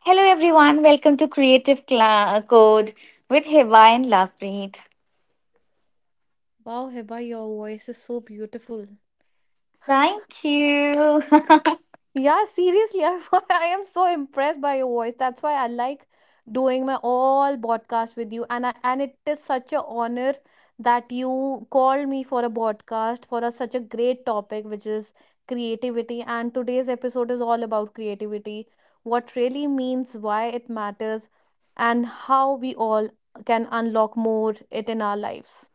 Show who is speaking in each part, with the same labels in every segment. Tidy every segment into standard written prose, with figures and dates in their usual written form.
Speaker 1: Hello everyone, welcome to Creative Code with Hiba and Lovepreet.
Speaker 2: Wow, Hiba, your voice is so beautiful.
Speaker 1: Thank you.
Speaker 2: Yeah, seriously, I am so impressed by your voice. That's why I like doing my all podcast with you, and it is such a honor that you called me for a podcast for such a great topic, which is creativity. And today's episode is all about creativity, what really means, why it matters, and how we all can unlock more it in our lives.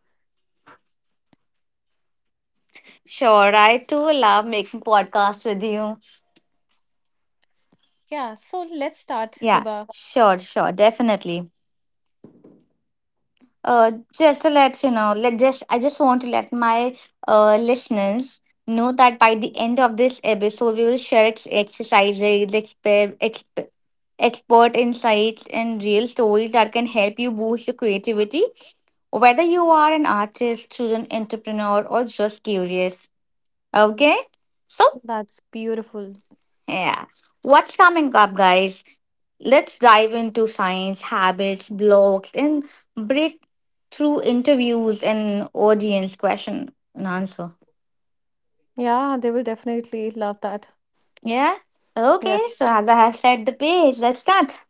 Speaker 1: Sure, I too love making podcasts with you.
Speaker 2: Yeah, so let's start,
Speaker 1: Yeah,
Speaker 2: Hiba.
Speaker 1: sure, definitely. Uh, just to let you know, let just I just want to let my listeners know that by the end of this episode, we will share exercises, expert insights, and real stories that can help you boost your creativity whether you are an artist, student, entrepreneur, or just curious. Okay? So,
Speaker 2: That's beautiful.
Speaker 1: yeah. What's coming up, guys? Let's dive into science, habits, blogs, and break through interviews and audience question and answer.
Speaker 2: Yeah, they will definitely love that.
Speaker 1: Yeah? Okay, so
Speaker 2: Yes.
Speaker 1: as I have set the pace, let's start.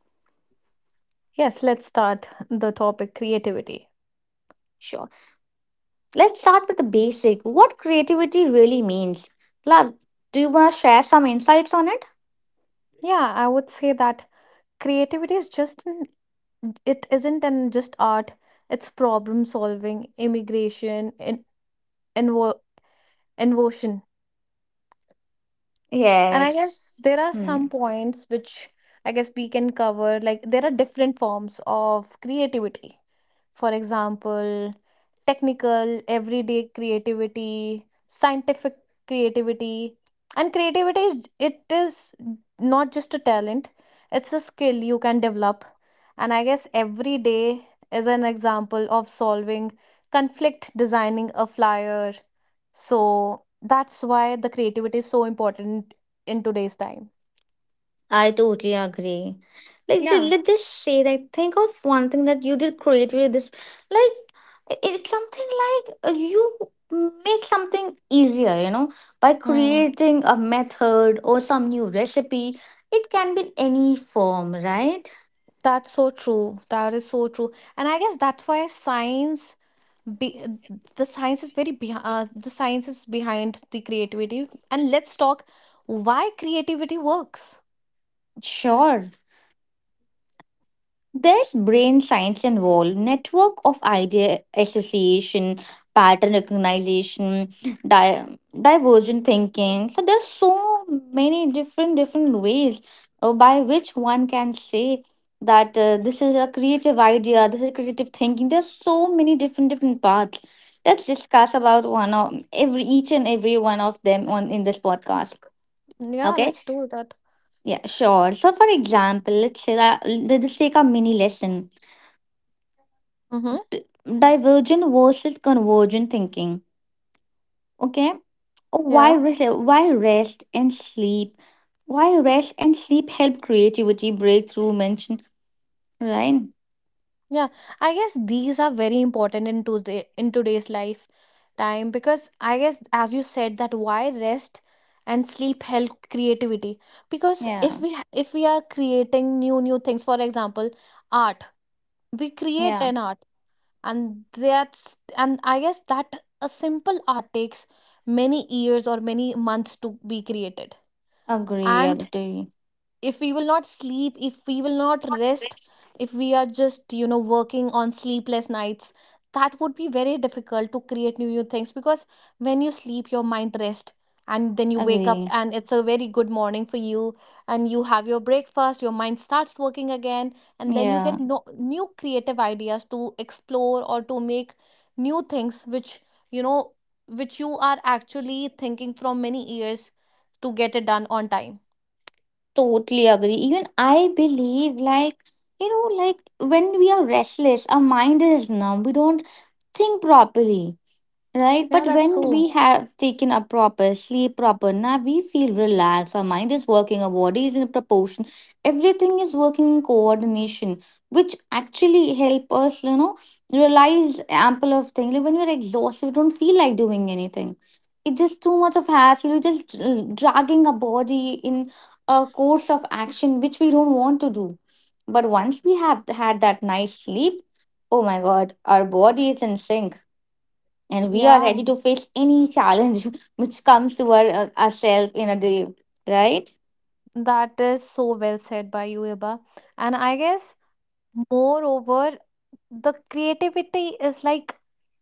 Speaker 2: Yes, let's start the topic creativity.
Speaker 1: Sure. Let's start with the basic. What creativity really means. Love, do you want to share some insights on it?
Speaker 2: Yeah, I would say that creativity is just an, it isn't an just art, it's problem solving, immigration, and invo. And I
Speaker 1: Yes.
Speaker 2: guess there are some
Speaker 1: Hmm.
Speaker 2: points which I guess we can cover. Like, there are different forms of creativity. For example, technical, everyday creativity, scientific creativity. And creativity is not just a talent, it's a skill you can develop. And I guess every day is an example of solving conflict, designing a flyer. So that's why the creativity is so important in today's time.
Speaker 1: I totally agree. Like,
Speaker 2: Yeah.
Speaker 1: let's just say that. Think of one thing that you did creatively. This, like, it's something like you make something easier, you know, by
Speaker 2: Hmm.
Speaker 1: creating a method or some new recipe. It can be in any form, right?
Speaker 2: That's so true. That is so true. And I guess that's why science be the science is very beh the science is behind the creativity. And let's talk why creativity works.
Speaker 1: Sure. There's brain science involved, network of idea association, pattern recognition, divergent thinking. So there's so many different ways by which one can say that this is a creative idea, this is creative thinking. There's so many different paths. Let's discuss about one of every each and every one of them on in this podcast.
Speaker 2: Yeah,
Speaker 1: Okay?
Speaker 2: let's do that.
Speaker 1: Yeah, sure. So for example, let's say that let's take a mini lesson
Speaker 2: Mm-hmm.
Speaker 1: divergent versus convergent thinking. Okay, oh,
Speaker 2: Yeah.
Speaker 1: why rest? Why rest and sleep? Why rest and sleep help creativity breakthrough? Mention, right?
Speaker 2: Yeah, I guess these are very important in today's life time because I guess as you said that why rest and sleep help creativity because
Speaker 1: Yeah,
Speaker 2: if we are creating new things, for example, art. We create
Speaker 1: yeah.
Speaker 2: an art, and that's and I guess that a simple art takes many years or many months to be created.
Speaker 1: Agree,
Speaker 2: And
Speaker 1: agree,
Speaker 2: if we will not sleep, if we will not rest, if we are just, you know, working on sleepless nights, that would be very difficult to create new things, because when you sleep, your mind rests, and then you wake up
Speaker 1: agree.
Speaker 2: and it's a very good morning for you, and you have your breakfast, your mind starts working again, and then you get
Speaker 1: Yeah,
Speaker 2: no, new creative ideas to explore or to make new things which, you know, which you are actually thinking from many years to get it done on time.
Speaker 1: totally agree. Even I believe, like you know, like when we are restless, our mind is numb. We don't think properly. Right,
Speaker 2: Yeah,
Speaker 1: but
Speaker 2: that's
Speaker 1: when
Speaker 2: true.
Speaker 1: we have taken a proper sleep, proper nap, we feel relaxed. Our mind is working, our body is in proportion. Everything is working in coordination, which actually help us, you know, realize ample of things. Like when we're exhausted, we don't feel like doing anything. It's just too much of hassle. We're just dragging our body in a course of action which we don't want to do. But once we have had that nice sleep, oh my god, our body is in sync and we are
Speaker 2: Yeah,
Speaker 1: ready to face any challenge which comes to our ourselves in a day, right?
Speaker 2: that is so well said by you, Iba. And I guess, moreover, the creativity is like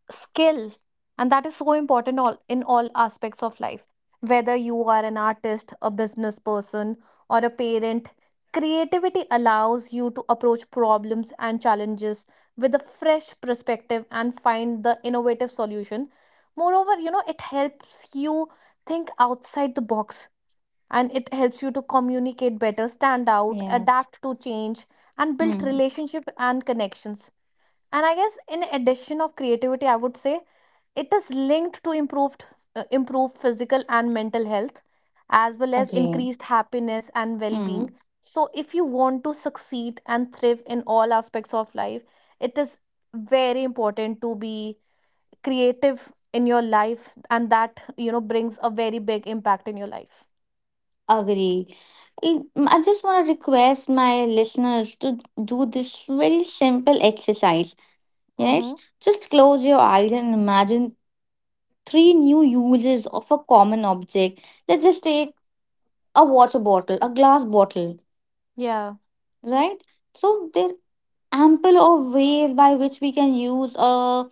Speaker 2: skill, and that is so important all in all aspects of life. Whether you are an artist, a business person, or a parent, creativity allows you to approach problems and challenges with a fresh perspective and find the innovative solution. Moreover, you know, it helps you think outside the box and it helps you to communicate better, stand out,
Speaker 1: Yes.
Speaker 2: adapt to change, and build
Speaker 1: Hmm.
Speaker 2: relationship and connections. And I guess in addition of creativity, I would say it is linked to improved physical and mental health, as well as
Speaker 1: Agree.
Speaker 2: increased happiness and well-being.
Speaker 1: Hmm.
Speaker 2: So if you want to succeed and thrive in all aspects of life, it is very important to be creative in your life, and that, you know, brings a very big impact in your life.
Speaker 1: Agree. Mm, I just want to request my listeners to do this very simple exercise. Yes,
Speaker 2: Mm-hmm.
Speaker 1: just close your eyes and imagine three new uses of a common object. Let's just take a water bottle, a glass bottle,
Speaker 2: Yeah.
Speaker 1: right? So there are ample of ways by which we can use a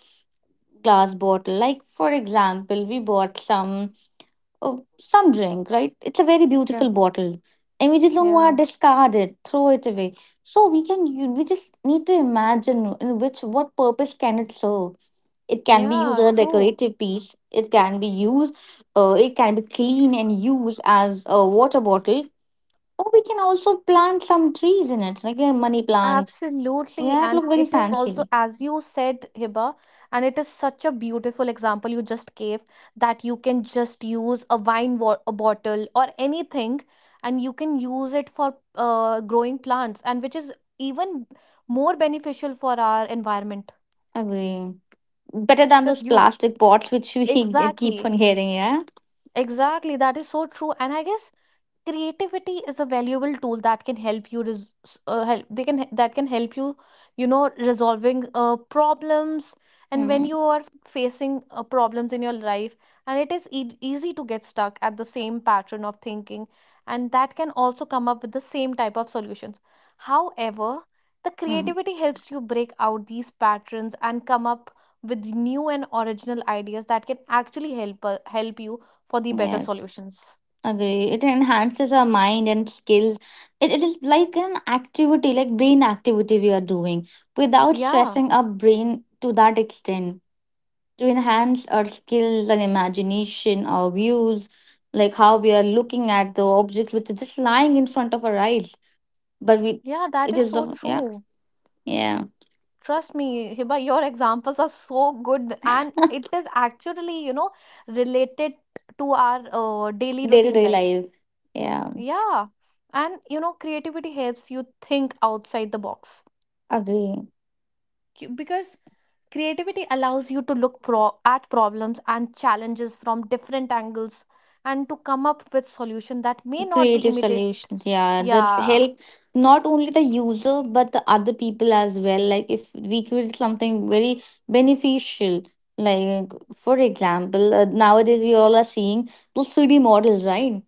Speaker 1: glass bottle, like for example we bought some, oh, some drink, right? It's a very
Speaker 2: Yeah,
Speaker 1: beautiful bottle, and we just don't want
Speaker 2: yeah,
Speaker 1: to discard it, throw it away. So we can we just need to imagine in which what purpose can it serve. It can be used
Speaker 2: yeah,
Speaker 1: as a
Speaker 2: true.
Speaker 1: decorative piece. It can be used, it can be clean and used as a water bottle, or we can also plant some trees in it like a money plant.
Speaker 2: Absolutely.
Speaker 1: Yeah, it
Speaker 2: And
Speaker 1: look very
Speaker 2: it is also,
Speaker 1: fancy.
Speaker 2: as you said, Hiba, and it is such a beautiful example you just gave, that you can just use a bottle or anything and you can use it for growing plants, and which is even more beneficial for our environment.
Speaker 1: Agree. Better than
Speaker 2: Because
Speaker 1: those
Speaker 2: you,
Speaker 1: plastic pots which we keep
Speaker 2: exactly.
Speaker 1: on hearing, yeah.
Speaker 2: Exactly, that is so true. And I guess creativity is a valuable tool that can help you res- s- help they can that can help you, you know, resolving problems. And when
Speaker 1: Mm,
Speaker 2: you are facing problems in your life, and it is easy to get stuck at the same pattern of thinking, and that can also come up with the same type of solutions. However, the
Speaker 1: mm,
Speaker 2: creativity helps you break out these patterns and come up with new and original ideas that can actually help you for the better
Speaker 1: yes.
Speaker 2: solutions.
Speaker 1: Agree. It enhances our mind and skills. It is like an activity, like brain activity we are doing without
Speaker 2: Yeah,
Speaker 1: stressing our brain to that extent, to enhance our skills and imagination, our views, like how we are looking at the objects which are just lying in front of our eyes but we.
Speaker 2: yeah, that
Speaker 1: It
Speaker 2: is
Speaker 1: is
Speaker 2: so
Speaker 1: the, yeah,
Speaker 2: true.
Speaker 1: yeah.
Speaker 2: Trust me, Hiba, your examples are so good, and it is actually, you know, related to our daily routine
Speaker 1: Day-to-day
Speaker 2: life.
Speaker 1: life, yeah.
Speaker 2: Yeah, and you know, creativity helps you think outside the box.
Speaker 1: Agree.
Speaker 2: Because creativity allows you to look at problems and challenges from different angles and to come up with solution that may not be
Speaker 1: Creative
Speaker 2: immediate.
Speaker 1: solutions, yeah, that
Speaker 2: Yeah,
Speaker 1: help not only the user but the other people as well, like if we create something very beneficial, like for example nowadays we all are seeing those 3D models, right?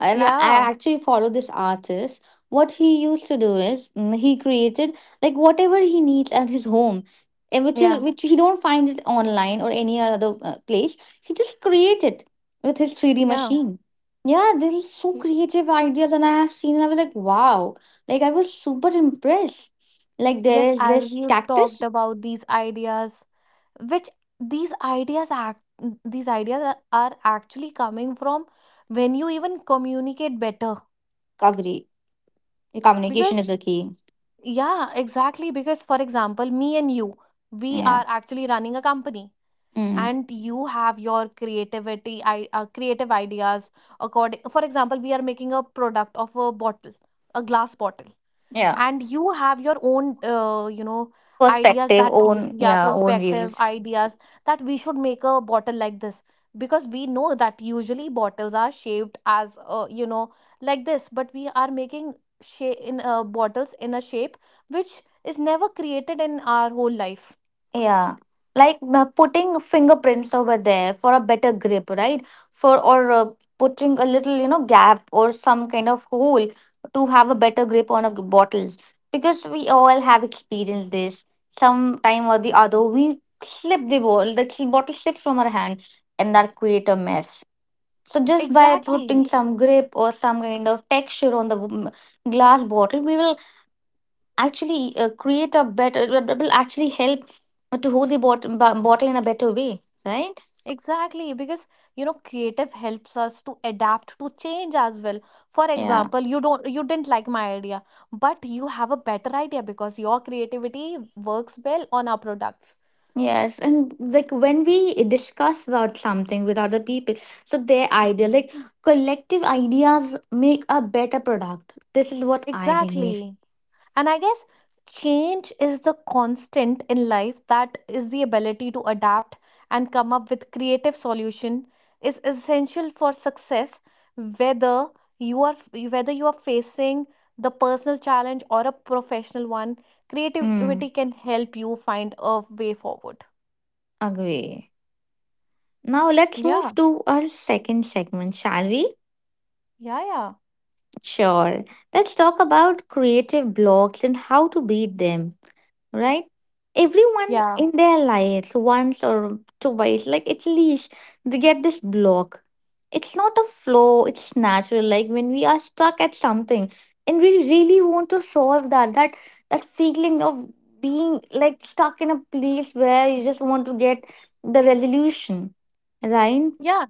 Speaker 1: And I
Speaker 2: yeah,
Speaker 1: actually follow this artist. What he used to do is, mm, he created like whatever he needs at his home, and which is
Speaker 2: yeah,
Speaker 1: which he don't find it online or any other place, he just create it with his 3D
Speaker 2: yeah.
Speaker 1: machine. Yeah, they're so creative ideas, and I have seen, and I was like, wow, like I was super impressed. Like there
Speaker 2: Yes,
Speaker 1: is
Speaker 2: as
Speaker 1: this
Speaker 2: you
Speaker 1: cactus.
Speaker 2: talked about these ideas, which these ideas act these ideas are actually coming from when you even communicate better.
Speaker 1: Agree, communication
Speaker 2: Because
Speaker 1: is a key.
Speaker 2: yeah, exactly. Because for example, me and you, we
Speaker 1: Yeah,
Speaker 2: are actually running a company,
Speaker 1: mm.
Speaker 2: and you have your creative ideas. According, for example, we are making a product of a glass bottle,
Speaker 1: Yeah,
Speaker 2: and you have your own you know, ideas
Speaker 1: perspective,
Speaker 2: that y-
Speaker 1: own,
Speaker 2: yeah
Speaker 1: yeah, own
Speaker 2: prospective
Speaker 1: views.
Speaker 2: ideas that we should make a bottle like this, because we know that usually bottles are shaped as, you know, like this, but we are making shape in bottles in a shape which is never created in our whole life.
Speaker 1: Yeah, like putting fingerprints over there for a better grip, right? For or putting a little, you know, gap or some kind of hole to have a better grip on a bottles, because we all have experienced this sometime or the other. We slip the bottle, the bottle slips from our hand, and that create a mess. So just by
Speaker 2: Exactly.
Speaker 1: putting some grip or some kind of texture on the glass bottle, we will actually create a better, that will actually help to hold the bottle in a better way, right?
Speaker 2: Exactly, because, you know, creative helps us to adapt to change as well. For
Speaker 1: Yeah,
Speaker 2: example, you didn't like my idea, but you have a better idea because your creativity works well on our products.
Speaker 1: yes. And like when we discuss about something with other people, so their idea like collective ideas make a better product, this is what I believe.
Speaker 2: Exactly. And I guess change is the constant in life, that is the ability to adapt and come up with creative solution is essential for success. whether you are Whether you are facing the personal challenge or a professional one,
Speaker 1: Mm,
Speaker 2: creativity can help you find a way forward.
Speaker 1: agree. Now let's
Speaker 2: Yeah,
Speaker 1: move to our second segment, shall we?
Speaker 2: yeah, yeah,
Speaker 1: Sure. Let's talk about creative blocks and how to beat them, right? Everyone
Speaker 2: yeah,
Speaker 1: in their lives, once or twice, like at least they get this block. It's not a flow, it's natural. Like when we are stuck at something and we really want to solve that, that feeling of being like stuck in a place where you just want to get the resolution, right?
Speaker 2: yeah.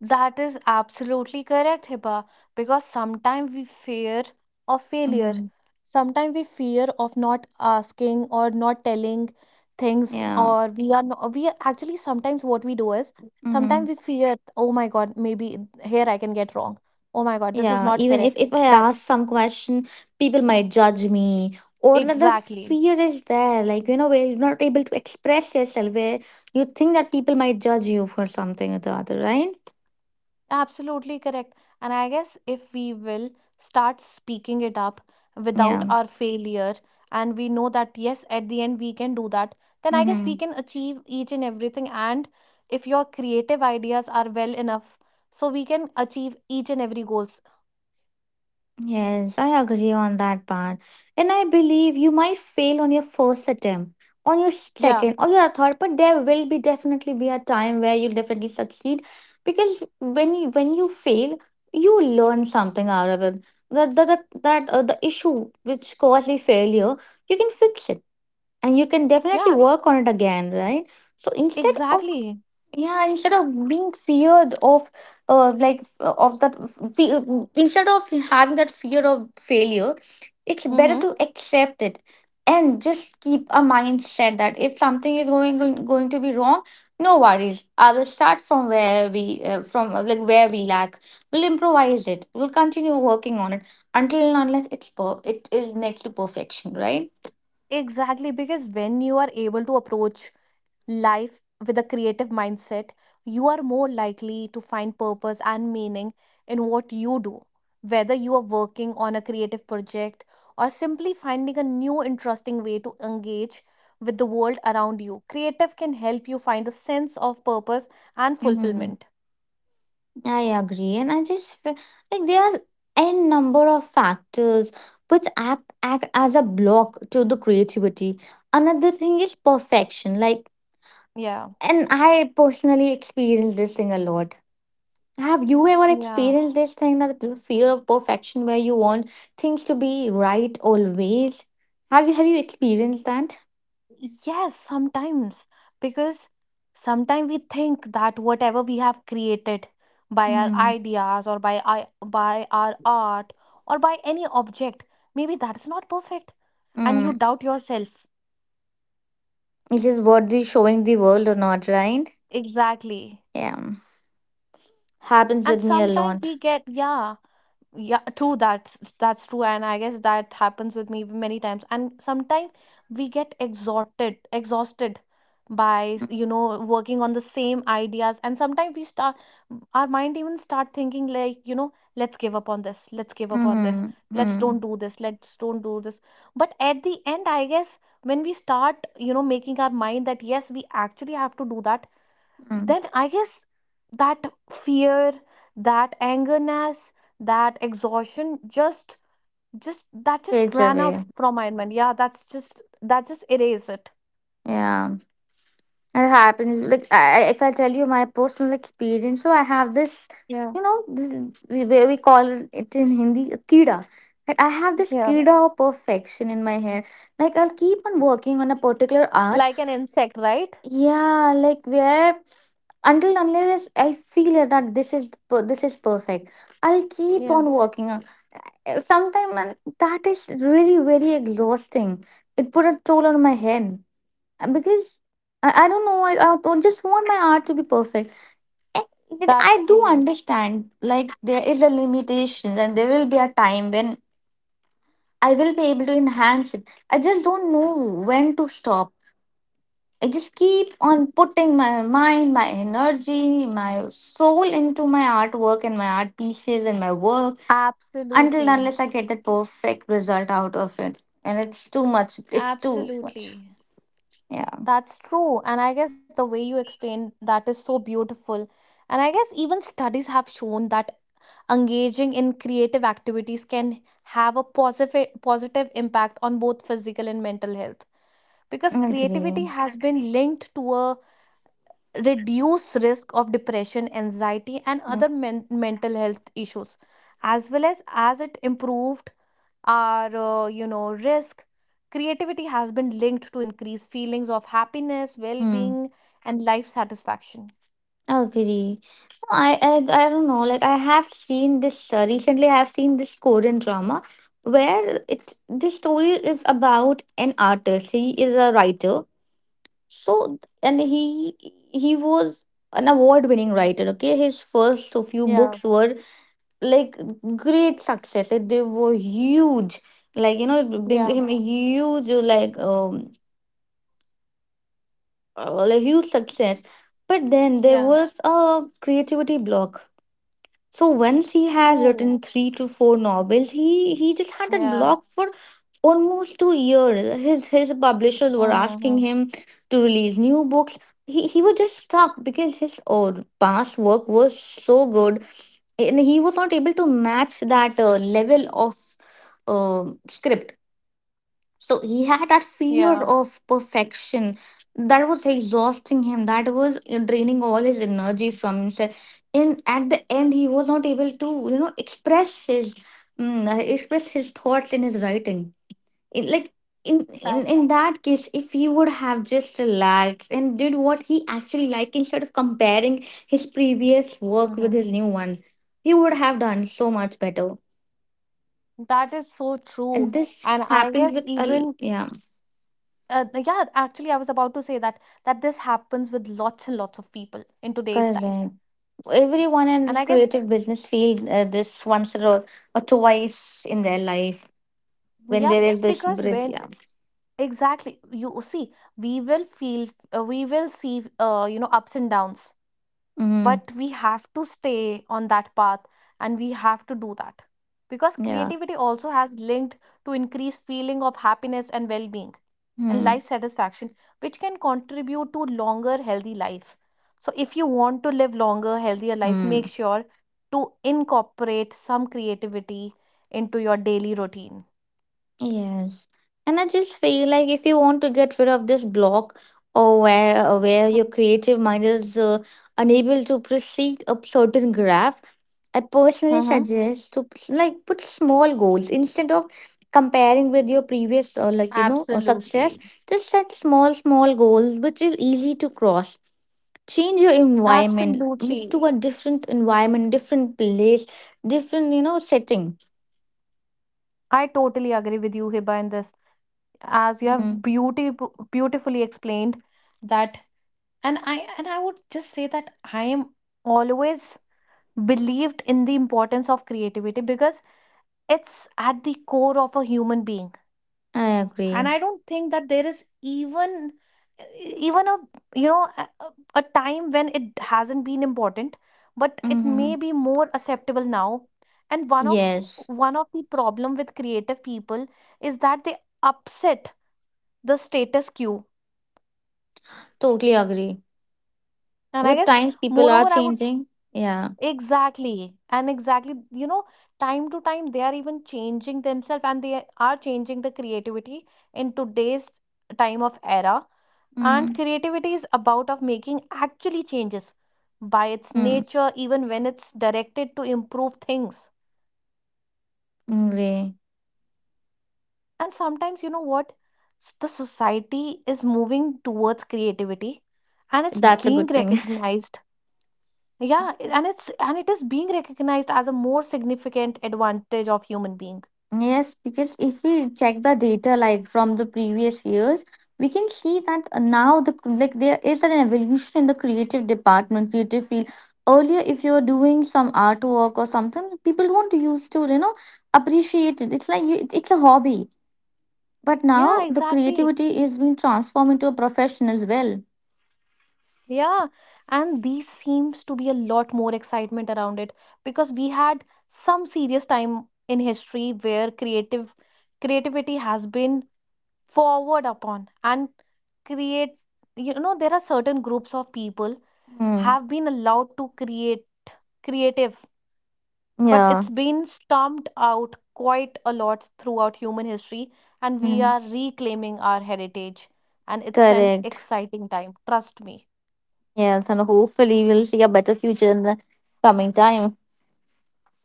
Speaker 2: That is absolutely correct, Hiba, because sometimes we fear of failure.
Speaker 1: Mm-hmm.
Speaker 2: Sometimes we fear of not asking or not telling things,
Speaker 1: Yeah.
Speaker 2: or we are not, we are actually sometimes what we do is
Speaker 1: Mm-hmm.
Speaker 2: sometimes we fear, oh my God, maybe here I can get wrong. Oh my God, this is
Speaker 1: Yeah,
Speaker 2: not
Speaker 1: even
Speaker 2: correct.
Speaker 1: if I ask
Speaker 2: That's
Speaker 1: some question, people might judge me, or that
Speaker 2: exactly.
Speaker 1: fear is there. Like you know, where you're not able to express yourself, where you think that people might judge you for something or the other, right?
Speaker 2: Absolutely correct. And I guess if we will start speaking it up without
Speaker 1: Yeah.
Speaker 2: our failure, and we know that yes, at the end we can do that, then I guess we
Speaker 1: Mm-hmm.
Speaker 2: can achieve each and everything. And if your creative ideas are well enough, so we can achieve each and every goals.
Speaker 1: Yes, I agree on that part. And I believe you might fail on your first attempt, on your
Speaker 2: Yeah,
Speaker 1: second, or your third, but there will be definitely be a time where you'll definitely succeed because when you fail, you learn something out of it. That that that, that the issue which caused the failure, you can fix it and you can definitely
Speaker 2: yeah,
Speaker 1: work on it again, right? So instead of,
Speaker 2: exactly.
Speaker 1: yeah, instead of being feared of, like of that instead of having that fear of failure, it's better
Speaker 2: Mm-hmm.
Speaker 1: to accept it and just keep a mindset that if something is going to be wrong, no worries, I will start from where we from like where we lack. We'll improvise it, we'll continue working on it until and unless it's it is next to perfection, right?
Speaker 2: Exactly, because when you are able to approach life with a creative mindset, you are more likely to find purpose and meaning in what you do. Whether you are working on a creative project or simply finding a new interesting way to engage with the world around you, creative can help you find a sense of purpose and
Speaker 1: Mm-hmm.
Speaker 2: fulfillment.
Speaker 1: I agree, and I just like there are n number of factors which act as a block to the creativity. Another thing is perfection, like,
Speaker 2: Yeah.
Speaker 1: and I personally experience this thing a lot. Have you ever
Speaker 2: Yeah.
Speaker 1: experienced this thing that the fear of perfection where you want things to be right always? Have you experienced that?
Speaker 2: Yes, sometimes. Because sometimes we think that whatever we have created by our
Speaker 1: Mm.
Speaker 2: ideas or by by our art or by any object, maybe that's not perfect. And you
Speaker 1: Mm.
Speaker 2: doubt yourself.
Speaker 1: It is what they showing the world or not, right?
Speaker 2: Exactly.
Speaker 1: Yeah. Happens
Speaker 2: And
Speaker 1: with me a
Speaker 2: sometimes we
Speaker 1: lot.
Speaker 2: get, yeah, yeah, true. That's true and I guess that happens with me many times, and sometimes we get exhausted by, you
Speaker 1: Mm.
Speaker 2: know, working on the same ideas, and sometimes we start our mind even start thinking like, you know, let's give up on this,
Speaker 1: Mm-hmm. Mm-hmm.
Speaker 2: let's don't do this. But at the end, I guess when we start, you know, making our mind that yes, we actually have to do that, then I guess that fear, that angerness, that exhaustion just that just
Speaker 1: Fades
Speaker 2: ran out
Speaker 1: away.
Speaker 2: from my mind. Yeah, that just erase it.
Speaker 1: Yeah. It happens. Like if I tell you my personal experience, so I have this, you
Speaker 2: Yes.
Speaker 1: know, this, the way we call it in Hindi, a kida. Right? I have this
Speaker 2: Yeah.
Speaker 1: kida of perfection in my hair. Like I'll keep on working on a particular art.
Speaker 2: Like an insect, right?
Speaker 1: Yeah, like where until unless I feel that this is this is perfect, I'll keep on working on. Sometimes that is really very exhausting. It put a toll on my head. Because I don't know, I don't just want my art to be perfect. Eh, but I do
Speaker 3: That's true.
Speaker 1: understand like there is a limitation and there will be a time when I will be able to enhance it. I just don't know when to stop. I just keep on putting my mind, my energy, my soul into my artwork and my art pieces and my work
Speaker 3: Absolutely.
Speaker 1: until and unless I get the perfect result out of it, and it's too much, it's too much,
Speaker 3: Absolutely.
Speaker 1: yeah.
Speaker 3: That's true. And I guess the way you explained that is so beautiful. And I guess even studies have shown that engaging in creative activities can have a positive impact on both physical and mental health, because
Speaker 1: I agree.
Speaker 3: creativity has been linked to a reduced risk of depression, anxiety and
Speaker 1: Yeah.
Speaker 3: other mental health issues, as well as it improved our risk. Creativity has been linked to increased feelings of happiness,
Speaker 1: Hmm.
Speaker 3: well-being and life satisfaction.
Speaker 1: Agree. I, I I don't know. Like I have seen this recently. I have seen this Korean drama where it this story is about an artist. He is a writer. So and he was an award-winning writer. Okay, his first few
Speaker 3: Yeah,
Speaker 1: books were like great success. Like, they were huge. Like you know, it bring
Speaker 3: yeah,
Speaker 1: him a huge like um, like huge success. But then there
Speaker 3: yeah,
Speaker 1: was a creativity block. So once he has
Speaker 3: true,
Speaker 1: written three to four novels, he just had that
Speaker 3: yeah,
Speaker 1: block for almost 2 years. His publishers were
Speaker 3: mm-hmm,
Speaker 1: asking
Speaker 3: mm-hmm,
Speaker 1: him to release new books. He was just stuck because his old past work was so good, and he was not able to match that level of uh, script, so he had that
Speaker 3: yeah,
Speaker 1: fear of perfection that was exhausting him, that was draining all his energy from himself, and at the end he was not able to express his express his thoughts in his writing. It, like in,
Speaker 3: that,
Speaker 1: in in that case, if he would have just relaxed and did what he actually liked instead of comparing his previous work
Speaker 3: hmm,
Speaker 1: with his new one, he would have done so much better,
Speaker 3: that is so true.
Speaker 1: and this
Speaker 3: And I
Speaker 1: happens
Speaker 3: guess
Speaker 1: with
Speaker 3: even,
Speaker 1: yeah,
Speaker 3: yeah, actually I was about to say that, that this happens with lots and lots of people in today's time.
Speaker 1: correct. Everyone in
Speaker 3: And I
Speaker 1: this
Speaker 3: guess,
Speaker 1: creative business field, this once or twice in their life, when
Speaker 3: yeah,
Speaker 1: there is this
Speaker 3: because
Speaker 1: bridge.
Speaker 3: when...
Speaker 1: Yeah,
Speaker 3: Exactly. You see, we will feel, we will see, ups and downs,
Speaker 1: mm,
Speaker 3: but we have to stay on that path and we have to do that, because
Speaker 1: yeah,
Speaker 3: creativity also has linked to increased feeling of happiness and well-being and
Speaker 1: mm,
Speaker 3: life satisfaction, which can contribute to longer healthy life. So if you want to live longer, healthier life, make
Speaker 1: mm.
Speaker 3: sure to incorporate some creativity into your daily routine.
Speaker 1: Yes. And I just feel like if you want to get rid of this block or where your creative mind is unable to proceed up certain graph, I personally
Speaker 3: Mm-hmm.
Speaker 1: suggest to like put small goals instead of comparing with your previous success.
Speaker 3: Absolutely.
Speaker 1: Just set small small goals which is easy to cross. Change your environment, move
Speaker 3: Absolutely.
Speaker 1: to a different environment, different place, different setting.
Speaker 3: I totally agree with you, Hiba, in this. As you
Speaker 1: Mhm.
Speaker 3: have beauty beautifully explained that. And I would just say that I am always believed in the importance of creativity, because it's at the core of a human being.
Speaker 1: I
Speaker 3: And
Speaker 1: agree.
Speaker 3: I don't think that there is even, even a, you know, a time when it hasn't been important, but it
Speaker 1: Mm-hmm.
Speaker 3: may be more acceptable now. And one of
Speaker 1: Yes,
Speaker 3: one of the problem with creative people is that they upset the status quo.
Speaker 1: totally agree.
Speaker 3: And I
Speaker 1: With
Speaker 3: guess,
Speaker 1: times, people are
Speaker 3: moreover I would,
Speaker 1: changing. Yeah.
Speaker 3: exactly and exactly, you know, time to time they are even changing themselves and they are changing the creativity in today's time of era. And
Speaker 1: Mm,
Speaker 3: creativity is about of making actually changes by its
Speaker 1: mm,
Speaker 3: nature, even when it's directed to improve things.
Speaker 1: agree.
Speaker 3: And sometimes, you know what? The society is moving towards creativity and it's
Speaker 1: That's a
Speaker 3: being
Speaker 1: good thing.
Speaker 3: recognized. Yeah, and it is being recognized as a more significant advantage of human being.
Speaker 1: Yes, because if we check the data like from the previous years, we can see that now there is an evolution in the creative department, creative field. Earlier, if you were doing some artwork or something, people won't used to appreciate it. It's like you, it's a hobby. But
Speaker 3: Yeah,
Speaker 1: now the
Speaker 3: exactly.
Speaker 1: creativity is being transformed into a profession as well.
Speaker 3: Yeah, and these seems to be a lot more excitement around it, because we had some serious time in history where creative creativity has been forward upon and create, you know, there are certain groups of people
Speaker 1: Mm,
Speaker 3: have been allowed to create creative, but
Speaker 1: yeah.
Speaker 3: it's been stomped out quite a lot throughout human history, and we
Speaker 1: Mm,
Speaker 3: are reclaiming our heritage, and it's an
Speaker 1: correct.
Speaker 3: exciting time, trust me.
Speaker 1: Yes, and hopefully we'll see a better future in the coming time.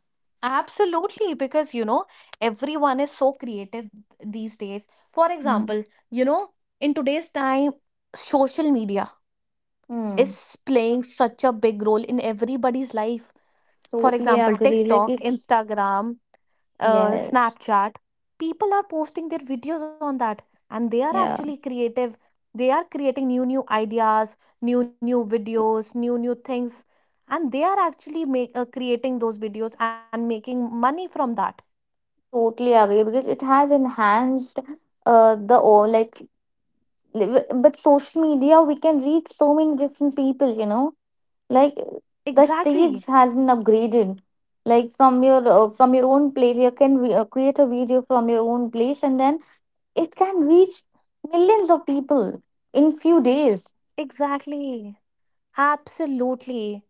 Speaker 3: Absolutely, because, you know, everyone is so creative these days. For example,
Speaker 1: Mm.
Speaker 3: you know, in today's time, social media
Speaker 1: Mm,
Speaker 3: is playing such a big role in everybody's life. For
Speaker 1: totally
Speaker 3: example,
Speaker 1: agree. Like
Speaker 3: TikTok,
Speaker 1: it,
Speaker 3: Instagram,
Speaker 1: yes,
Speaker 3: Snapchat, people are posting their videos on that and they are actually
Speaker 1: yeah,
Speaker 3: creative. They are creating new ideas, new videos, new things, and they are actually make creating those videos and making money from that.
Speaker 1: totally agree because it has enhanced the all like but social media we can reach so many different people. You know, like the stage
Speaker 3: Exactly.
Speaker 1: has been upgraded. Like from your own place, you can create a video from your own place and then it can reach millions of people in few days.
Speaker 3: Exactly. Absolutely.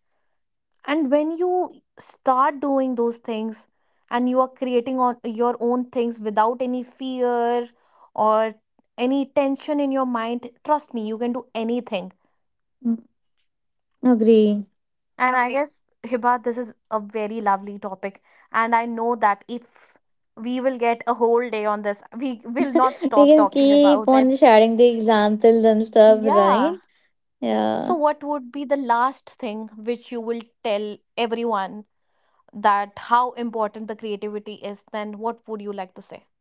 Speaker 3: And when you start doing those things and you are creating on your own things without any fear or any tension in your mind, trust me, you can do anything.
Speaker 1: Agree.
Speaker 3: And I guess, Hiba, this is a very lovely topic, and I know that if we will get a whole day on this, we will not
Speaker 1: We
Speaker 3: stop
Speaker 1: can
Speaker 3: talking
Speaker 1: keep
Speaker 3: about it.
Speaker 1: on sharing the examples and stuff,
Speaker 3: Yeah.
Speaker 1: right? Yeah.
Speaker 3: So what would be the last thing which you will tell everyone, that how important the creativity is, then what would you like to say?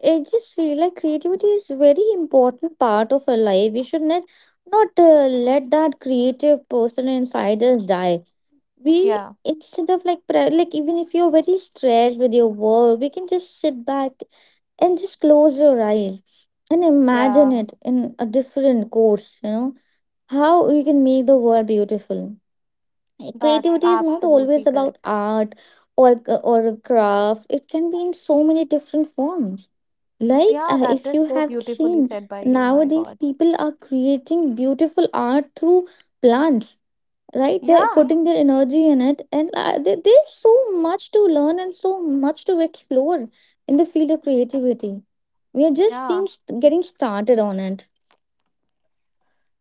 Speaker 1: It just feel like creativity is very important part of our life. We should not let that creative person inside us die. We
Speaker 3: Yeah,
Speaker 1: Instead of even if you're very stressed with your work, we can just sit back and just close your eyes and imagine
Speaker 3: yeah,
Speaker 1: it in a different course. You know, how you can make the world beautiful. Like,
Speaker 3: that's
Speaker 1: creativity is not always
Speaker 3: absolutely
Speaker 1: about
Speaker 3: correct.
Speaker 1: art or or craft. It can be in so many different forms. Like
Speaker 3: Yeah, that
Speaker 1: if
Speaker 3: is
Speaker 1: you
Speaker 3: so
Speaker 1: have
Speaker 3: beautifully
Speaker 1: seen
Speaker 3: said by you, my
Speaker 1: nowadays,
Speaker 3: God.
Speaker 1: people are creating beautiful art through plants. Right, they're
Speaker 3: Yeah,
Speaker 1: putting their energy in it, and there's so much to learn and so much to explore in the field of creativity. We are just
Speaker 3: yeah.
Speaker 1: being getting started on it.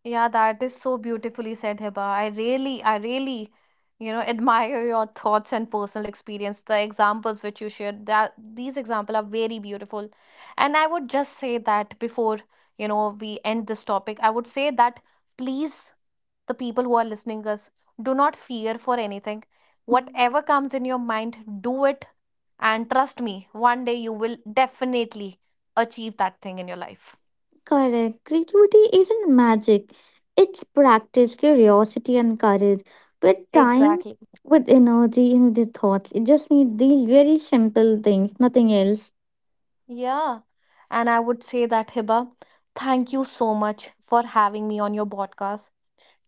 Speaker 3: Yeah, that is so beautifully said, Hiba. I really, you know, admire your thoughts and personal experience. The examples which you shared, that these examples are very beautiful. And I would just say that before, you know, we end this topic, I would say that, please, the people who are listening us, do not fear for anything.
Speaker 1: Mm,
Speaker 3: Whatever comes in your mind, do it. And trust me, one day you will definitely achieve that thing in your life.
Speaker 1: correct. Creativity isn't magic. It's practice, curiosity, and courage. With time,
Speaker 3: Exactly.
Speaker 1: with energy, and with your thoughts. You just need these very simple things, nothing else.
Speaker 3: Yeah. And I would say that, Hiba, thank you so much for having me on your podcast.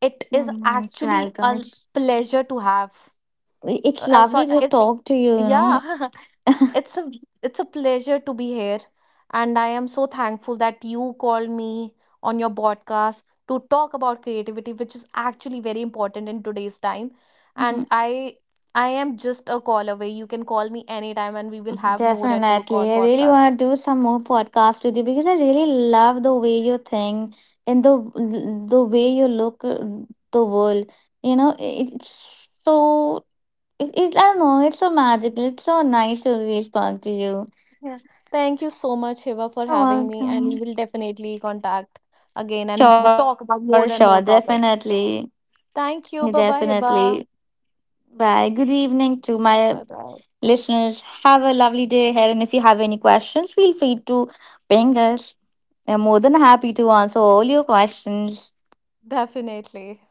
Speaker 3: It
Speaker 1: You're
Speaker 3: is
Speaker 1: most
Speaker 3: actually a
Speaker 1: welcome.
Speaker 3: pleasure to have.
Speaker 1: It's
Speaker 3: I'm
Speaker 1: lovely
Speaker 3: sorry,
Speaker 1: to talk to you, you
Speaker 3: yeah, it's a it's a pleasure to be here, and I am so thankful that you called me on your podcast to talk about creativity, which is actually very important in today's time.
Speaker 1: know.
Speaker 3: And I am just a call away. You can call me anytime, and we will have more and more
Speaker 1: Definitely. I really
Speaker 3: podcast.
Speaker 1: want to do some more podcasts with you because I really love the way you think and the way you look the world. You know, it's so I don't know, it's so magical. It's so nice to really talk to you.
Speaker 3: Yeah. Thank you so much, Hiva, for
Speaker 1: You're
Speaker 3: having me. And we
Speaker 1: welcome.
Speaker 3: will definitely contact again and
Speaker 1: Sure,
Speaker 3: talk
Speaker 1: sure,
Speaker 3: about more and more
Speaker 1: definitely.
Speaker 3: topics. Thank you. Bye bye,
Speaker 1: Definitely.
Speaker 3: Hiba.
Speaker 1: Bye. Good evening to my
Speaker 3: Bye bye.
Speaker 1: listeners, have a lovely day ahead. And if you have any questions, feel free to ping us. We're more than happy to answer all your questions.
Speaker 3: Definitely.